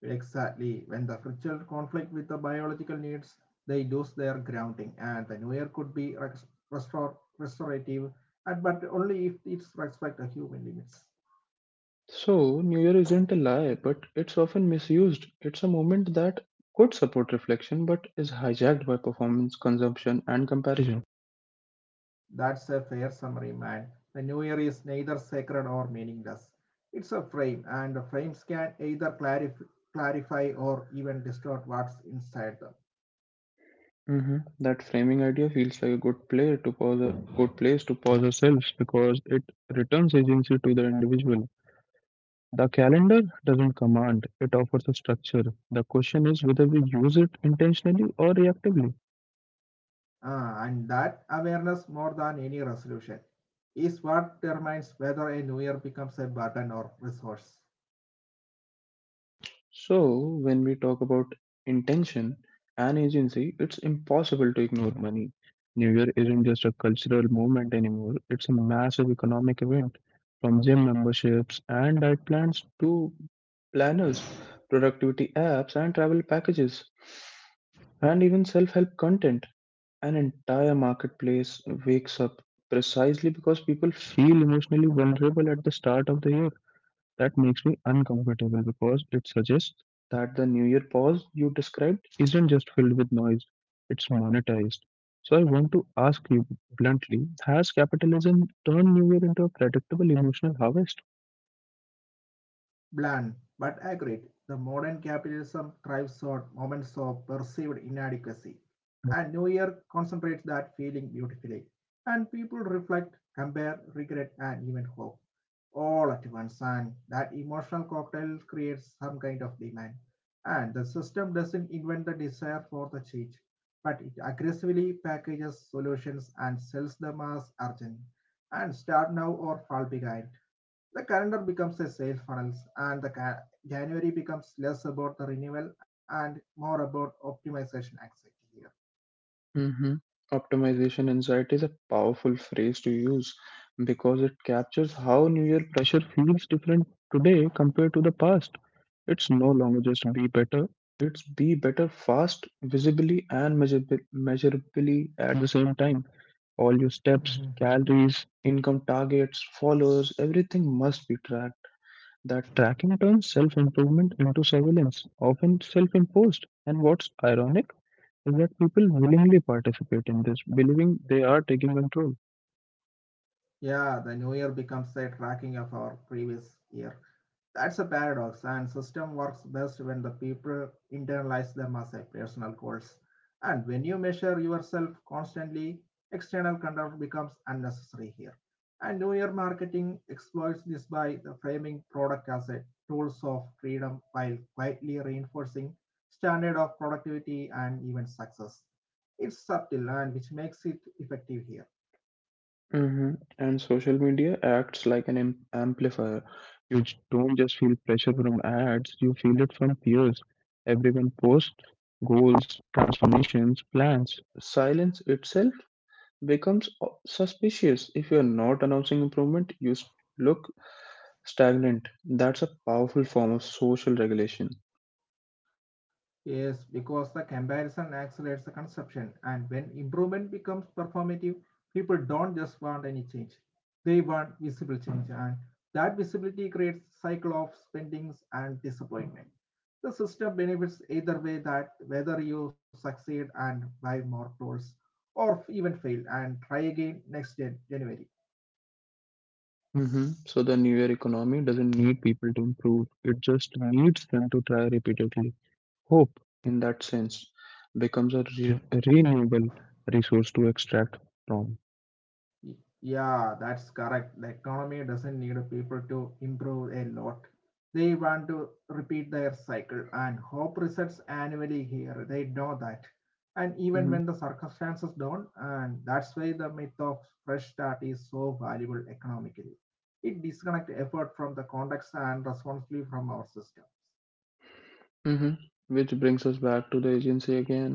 Speaker 2: Exactly. When the frictional conflict with the biological needs, they lose their grounding, and the new air could be restorative, and but only if it's respect the human limits.
Speaker 1: So, New Year isn't a lie, but it's often misused. It's a moment that could support reflection, but is hijacked by performance, consumption, and comparison.
Speaker 2: That's a fair summary, man. The new year is neither sacred or meaningless. It's a frame, and the frames can either clarify or even distort what's inside them.
Speaker 1: Hmm. That framing idea feels like a good place to pause ourselves because it returns agency to the individual. The calendar doesn't command; it offers a structure. The question is whether we use it intentionally or reactively.
Speaker 2: And that awareness, more than any resolution, is what determines whether a new year becomes a burden or resource.
Speaker 1: So, when we talk about intention and agency, it's impossible to ignore money. New Year isn't just a cultural movement anymore, it's a massive economic event. From gym memberships and diet plans to planners, productivity apps, and travel packages, and even self help content, an entire marketplace wakes up precisely because people feel emotionally vulnerable at the start of the year. That makes me uncomfortable because it suggests that the New Year pause you described isn't just filled with noise, it's monetized. So I want to ask you bluntly, has capitalism turned New Year into a predictable emotional harvest?
Speaker 2: Blunt but accurate, the modern capitalism thrives on moments of perceived inadequacy, and New Year concentrates that feeling beautifully. And people reflect, compare, regret, and even hope all at once, and that emotional cocktail creates some kind of demand. And the system doesn't invent the desire for the change, but it aggressively packages solutions and sells them as urgent and start now or fall behind the calendar becomes a sales funnel, and the January becomes less about the renewal and more about optimization activity here.
Speaker 1: hmm Optimization anxiety is a powerful phrase to use because it captures how New Year pressure feels different today compared to the past. It's no longer just be better, it's be better fast, visibly, and measurably at the same time. All your steps,
Speaker 2: Mhm.
Speaker 1: calories, income targets, followers, everything must be tracked. That tracking turns self improvement into surveillance, often self imposed. And what's ironic is that people willingly participate in this, believing they are taking control.
Speaker 2: Yeah, the new year becomes a tracking of our previous year. That's a paradox, and system works best when the people internalize them as a personal goals. And when you measure yourself constantly, external control becomes unnecessary here. And New Year marketing exploits this by the framing product as a tools of freedom while quietly reinforcing standard of productivity and even success. It's subtle and which makes it effective here.
Speaker 1: hmm And social media acts like an amplifier. You don't just feel pressure from ads, you feel it from peers. Everyone posts goals, transformations, plans. Silence itself becomes suspicious. If you're not announcing improvement, you look stagnant. That's a powerful form of social regulation.
Speaker 2: Yes, because the comparison accelerates the consumption, and when improvement becomes performative, people don't just want any change. They want visible change, and that visibility creates cycle of spendings and disappointment. The system benefits either way that whether you succeed and buy more tools or even fail and try again next January.
Speaker 1: So the newer economy doesn't need people to improve. It just needs them to try repeatedly. Hope, in that sense, becomes a renewable resource to extract from.
Speaker 2: Yeah, that's correct. The economy doesn't need people to improve a lot. They want to repeat their cycle and hope results annually here. They know that. And even when
Speaker 1: hmm
Speaker 2: the circumstances don't, and that's why the myth of fresh start is so valuable economically. It disconnects effort from the context and responsibly from our systems.
Speaker 1: hmm Which brings us back to the agency again.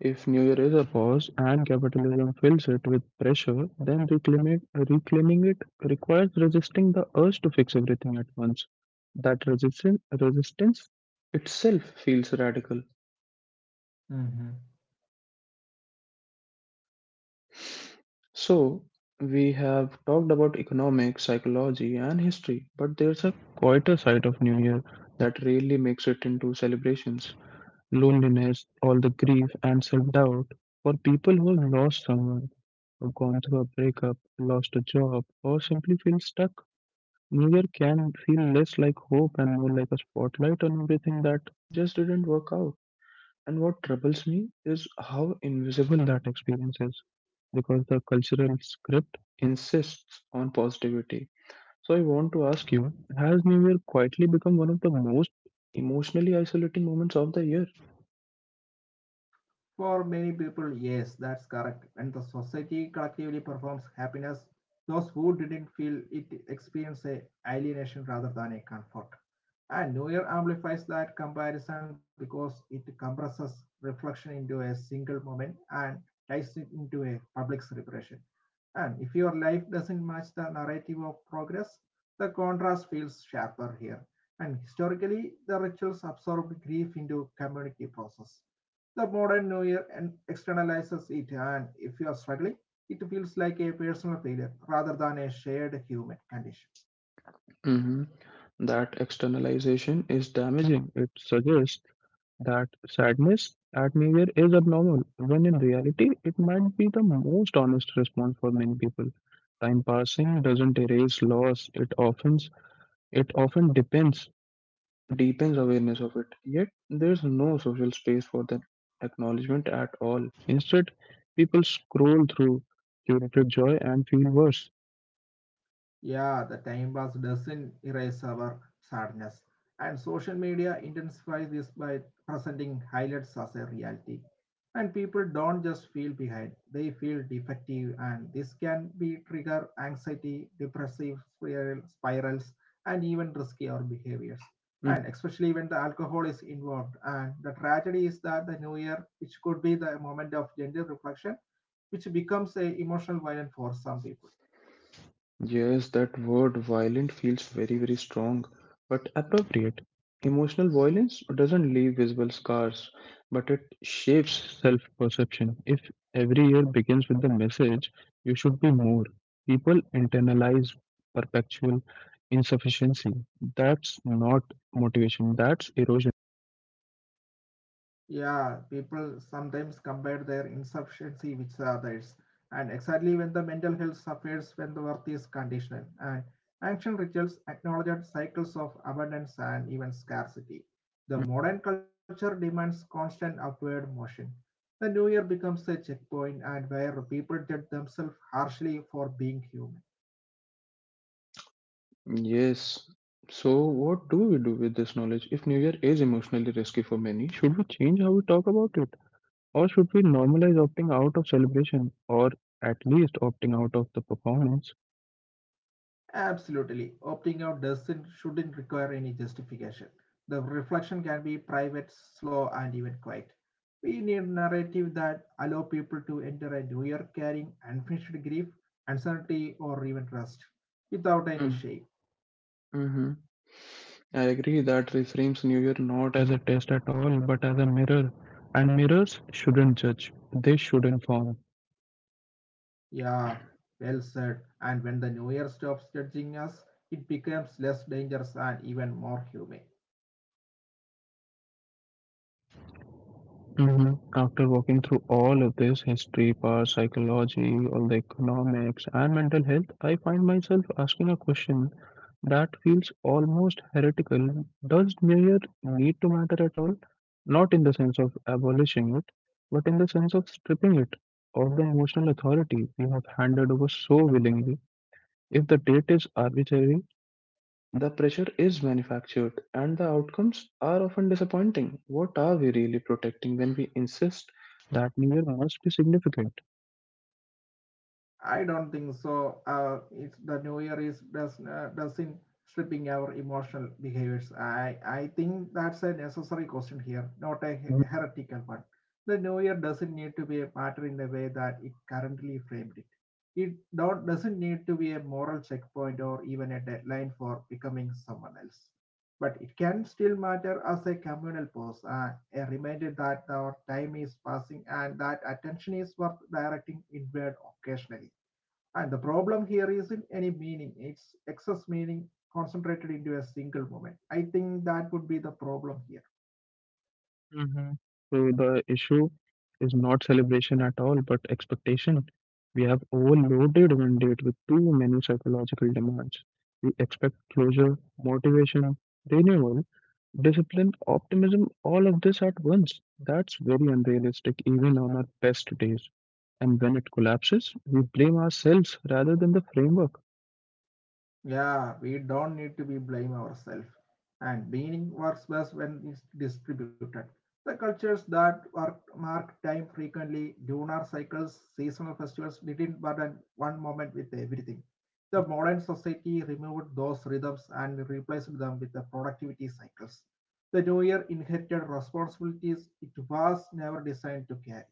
Speaker 1: If New Year is a pause and capitalism fills it with pressure, then reclaiming it requires resisting the urge to fix everything at once. That resistance itself feels radical.
Speaker 2: Hmm.
Speaker 1: So, we have talked about economics, psychology, and history, but there's a quieter side of New Year that rarely makes it into celebrations: loneliness, all the grief, and self doubt. For people who have lost someone, have gone through a breakup, lost a job, or simply feel stuck, New Year can feel less like hope and more like a spotlight on everything that just didn't work out. And what troubles me is how invisible that experience is because the cultural script insists on positivity. So I want to ask you, has New Year quietly become one of the most emotionally isolating moments of the year?
Speaker 2: For many people, yes, that's correct. When the society collectively performs happiness, those who didn't feel it experience a alienation rather than a comfort. And Neuer amplifies that comparison because it compresses reflection into a single moment and ties it into a public celebration. And if your life doesn't match the narrative of progress, the contrast feels sharper here. And historically, the rituals absorbed grief into community process. The modern New Year externalizes it, and if you are struggling, it feels like a personal failure rather than a shared human condition.
Speaker 1: hmm That externalization is damaging. It suggests that sadness at New Year is abnormal, when in reality, it might be the most honest response for many people. Time passing doesn't erase loss, it often It often depends deepens awareness of it, yet there's no social space for that acknowledgement at all. Instead, people scroll through curated joy and feel worse.
Speaker 2: Yeah, the time pass doesn't erase our sadness. And social media intensifies this by presenting highlights as a reality. And people don't just feel behind, they feel defective, and this can be trigger anxiety, depressive spirals, and even riskier behaviors. And especially when the alcohol is involved. And the tragedy is that the new year, which could be the moment of gender reflection, which becomes a emotional violent for some people.
Speaker 1: Yes, that word violent feels very, very strong, but appropriate. Emotional violence doesn't leave visible scars, but it shapes self perception. If every year begins with the message, you should be more, people internalize perpetual insufficiency. That's not motivation, that's erosion.
Speaker 2: Yeah, people sometimes compare their insufficiency with others, and exactly when the mental health suffers when the worth is conditional, and ancient rituals acknowledged cycles of abundance and even scarcity. The modern culture demands constant upward motion. The new year becomes a checkpoint and where people judge themselves harshly for being human.
Speaker 1: Yes. So, what do we do with this knowledge? If New Year is emotionally risky for many, should we change how we talk about it? Or should we normalize opting out of celebration, or at least opting out of the performance?
Speaker 2: Absolutely. Opting out doesn't shouldn't require any justification. The reflection can be private, slow, and even quiet. We need a narrative that allow people to enter a new year carrying unfinished grief, uncertainty, or even trust, without any
Speaker 1: Mm,
Speaker 2: shame.
Speaker 1: mhm. I agree that reframes New Year not as a test at all, but as a mirror. And mirrors shouldn't judge, they should inform.
Speaker 2: Yeah, well said. And when the new year stops judging us, it becomes less dangerous and even more humane.
Speaker 1: hmm After walking through all of this history, power, psychology, all the economics, and mental health, I find myself asking a question that feels almost heretical. Does New Year need to matter at all? Not in the sense of abolishing it, but in the sense of stripping it of the emotional authority we have handed over so willingly. If the date is arbitrary, the pressure is manufactured, and the outcomes are often disappointing, what are we really protecting when we insist that New Year must be significant?
Speaker 2: I don't think so. It's the new year is does doesn't stripping our emotional behaviors. I think that's a necessary question here, not a heretical one. The new year doesn't need to be a matter in the way that it currently framed it. It don't doesn't need to be a moral checkpoint or even a deadline for becoming someone else. But it can still matter as a communal pause, a reminder that our time is passing and that attention is worth directing inward occasionally. And the problem here isn't any meaning, it's excess meaning concentrated into a single moment. I think that would be the problem here.
Speaker 1: Mhm. So the issue is not celebration at all, but expectation. We have overloaded mandate with too many psychological demands. We expect closure, motivation, renewal, discipline, optimism, all of this at once. That's very unrealistic, even on our best days. And when it collapses, we blame ourselves rather than the framework.
Speaker 2: Yeah, we don't need to be blame ourselves. And meaning works best when it's distributed. The cultures that work, mark time frequently, lunar cycles, seasonal festivals didn't burden one moment with everything. The modern society removed those rhythms and replaced them with the productivity cycles. The new year inherited responsibilities it was never designed to carry.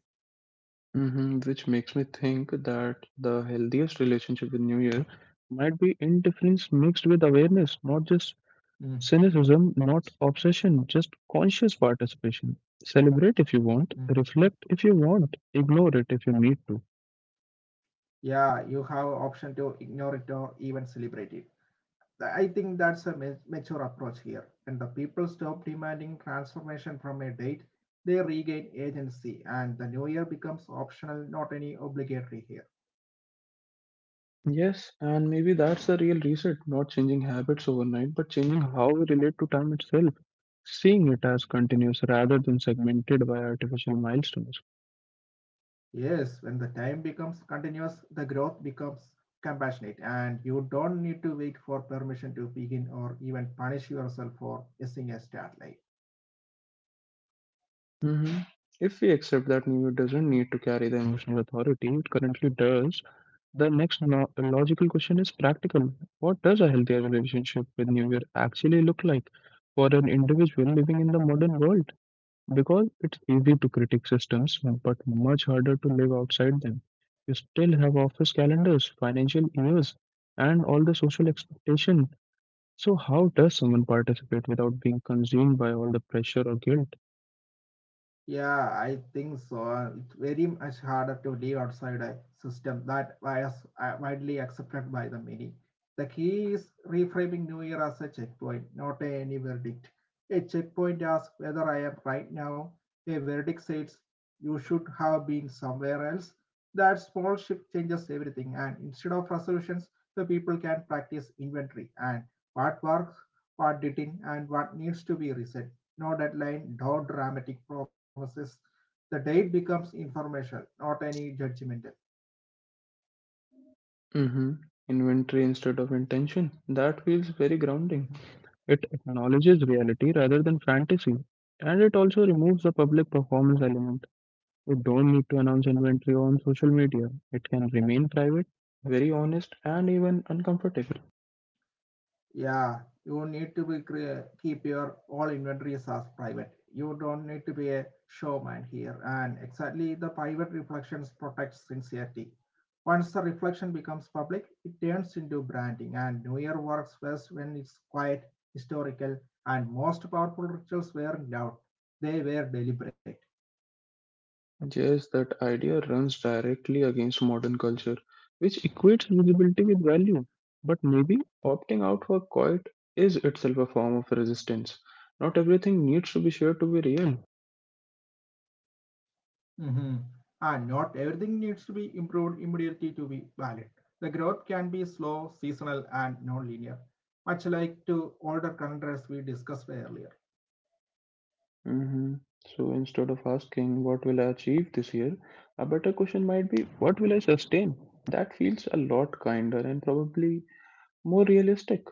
Speaker 1: Which makes me think that the healthiest relationship with New Year might be indifference mixed with awareness, not just
Speaker 2: Mm,
Speaker 1: cynicism, not obsession, just conscious participation. Celebrate if you want,
Speaker 2: mm.
Speaker 1: reflect if you want, ignore it if you need to.
Speaker 2: Yeah, you have option to ignore it or even celebrate it. I think that's a mature approach here. When the people stop demanding transformation from a date, they regain agency, and the new year becomes optional, not any obligatory here.
Speaker 1: Yes, and maybe that's the real reset, not changing habits overnight, but changing how we relate to time itself, seeing it as continuous rather than segmented by artificial milestones.
Speaker 2: Yes, when the time becomes continuous, the growth becomes compassionate, and you don't need to wait for permission to begin or even punish yourself for missing a start line.
Speaker 1: Mhm. If we accept that New York doesn't need to carry the emotional authority it currently does, the next logical question is practical. What does a healthier relationship with New Year actually look like for an individual living in the modern world? Because it's easy to critique systems, but much harder to live outside them. You still have office calendars, financial years, and all the social expectation. So how does someone participate without being consumed by all the pressure or guilt?
Speaker 2: Yeah, I think so. It's very much harder to live outside a system that was widely accepted by the many. The key is reframing New Year as a checkpoint, not a any verdict. A checkpoint asks whether I am right now. A verdict says you should have been somewhere else. That small shift changes everything, and instead of resolutions, the people can practice inventory and what works, what didn't, and what needs to be reset no deadline, no dramatic promises. The date becomes informational, not any judgmental.
Speaker 1: hmm Inventory instead of intention. That feels very
Speaker 2: Mhm.
Speaker 1: grounding. It acknowledges reality rather than fantasy, and it also removes the public performance element. You don't need to announce inventory on social media, it can remain private, very honest, and even uncomfortable.
Speaker 2: Yeah, you need to be keep your all inventories as private. You don't need to be a showman here. And exactly, the private reflections protect sincerity. Once the reflection becomes public, it turns into branding. And New Year works best when it's quiet, historical, and most powerful rituals weren't loud; they were deliberate.
Speaker 1: Yes, that idea runs directly against modern culture, which equates visibility with value. But maybe opting out for quiet is itself a form of resistance. Not everything needs to be shared to be real.
Speaker 2: Mhm. And not everything needs to be improved immediately to be valid. The growth can be slow, seasonal, and non-linear, much like to older countries we discussed earlier.
Speaker 1: hmm So instead of asking what will I achieve this year, a better question might be, what will I sustain? That feels a lot kinder and probably more realistic.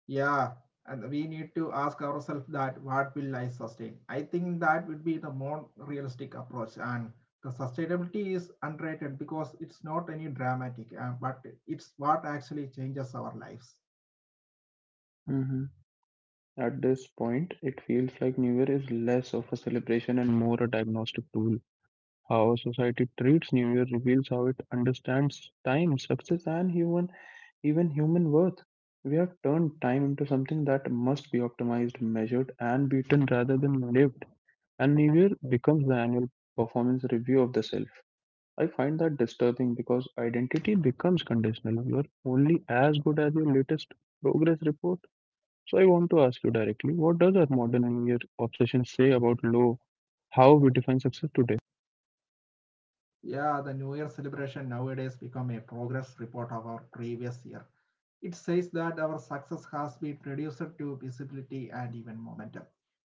Speaker 2: Yeah, and we need to ask ourselves that what will I sustain? I think that would be the more realistic approach, and the sustainability is underrated because it's not any dramatic, but it's what actually changes our lives.
Speaker 1: hmm At this point, it feels like New Year is less of a celebration and more a diagnostic tool. How society treats New Year reveals how it understands time, success, and even human worth. We have turned time into something that must be optimized, measured, and beaten rather than lived. And New Year becomes the annual performance review of the self. I find that disturbing because identity becomes conditional. You are only as good as your latest progress report. So I want to ask you directly, what does our modern New Year obsession say about how we define success today?
Speaker 2: Yeah, the New Year celebration nowadays become a progress report of our previous year. It says that our success has been reduced to visibility and even momentum.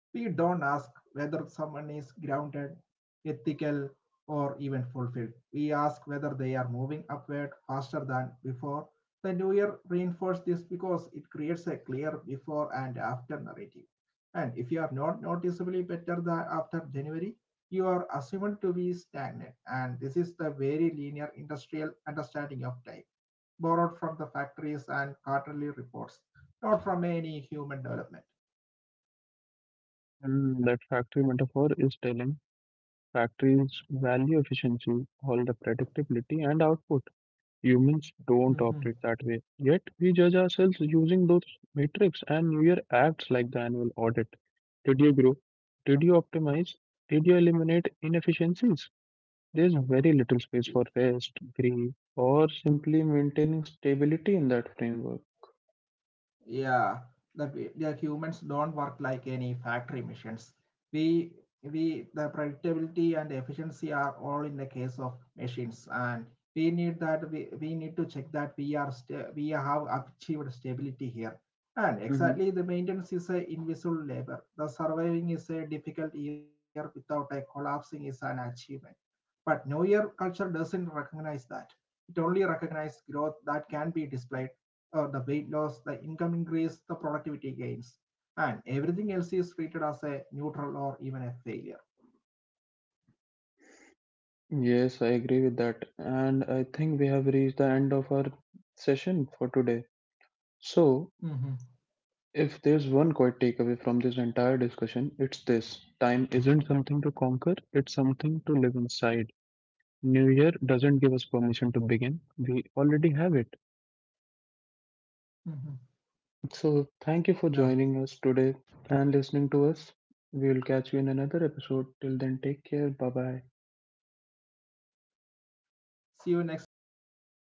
Speaker 2: We don't ask whether someone is grounded, ethical, or even fulfilled. We ask whether they are moving upward faster than before. The new year reinforced this because it creates a clear before and after narrative. And if you are not noticeably better than after January, you are assumed to be stagnant. And this is the very linear industrial understanding of time borrowed from the factories and quarterly reports, not from any human development.
Speaker 1: And that factory metaphor is telling. Factories value efficiency, all the predictability and output. Humans don't
Speaker 2: Mhm.
Speaker 1: operate that way. Yet we judge ourselves using those metrics, and we are acts like the annual audit. Did you grow? Did you optimize? Did you eliminate inefficiencies? There's very little space for rest, grief, or simply maintaining stability in that framework.
Speaker 2: Yeah, the humans don't work like any factory machines. We we the predictability and efficiency are all in the case of machines, and we need that we need to check that we are we have achieved stability here. And
Speaker 1: hmm
Speaker 2: exactly the maintenance is a invisible labor, the surviving is a difficult year without a collapsing is an achievement, but no year culture doesn't recognize that. It only recognizes growth that can be displayed, the weight loss, the income increase, the productivity gains, and everything else is treated as a neutral or even a failure.
Speaker 1: Yes, I agree with that. And I think we have reached the end of our session for today. So,
Speaker 2: Mm-hmm.
Speaker 1: if there's one quiet takeaway from this entire discussion, it's this: time isn't something to conquer, it's something to live inside. New Year doesn't give us permission to begin, we already have it.
Speaker 2: Mm-hmm.
Speaker 1: So, thank you for
Speaker 2: Yeah.
Speaker 1: joining us today and listening to us. We will catch you in another episode. Till then, take care. Bye bye.
Speaker 2: See you next time. Bye bye.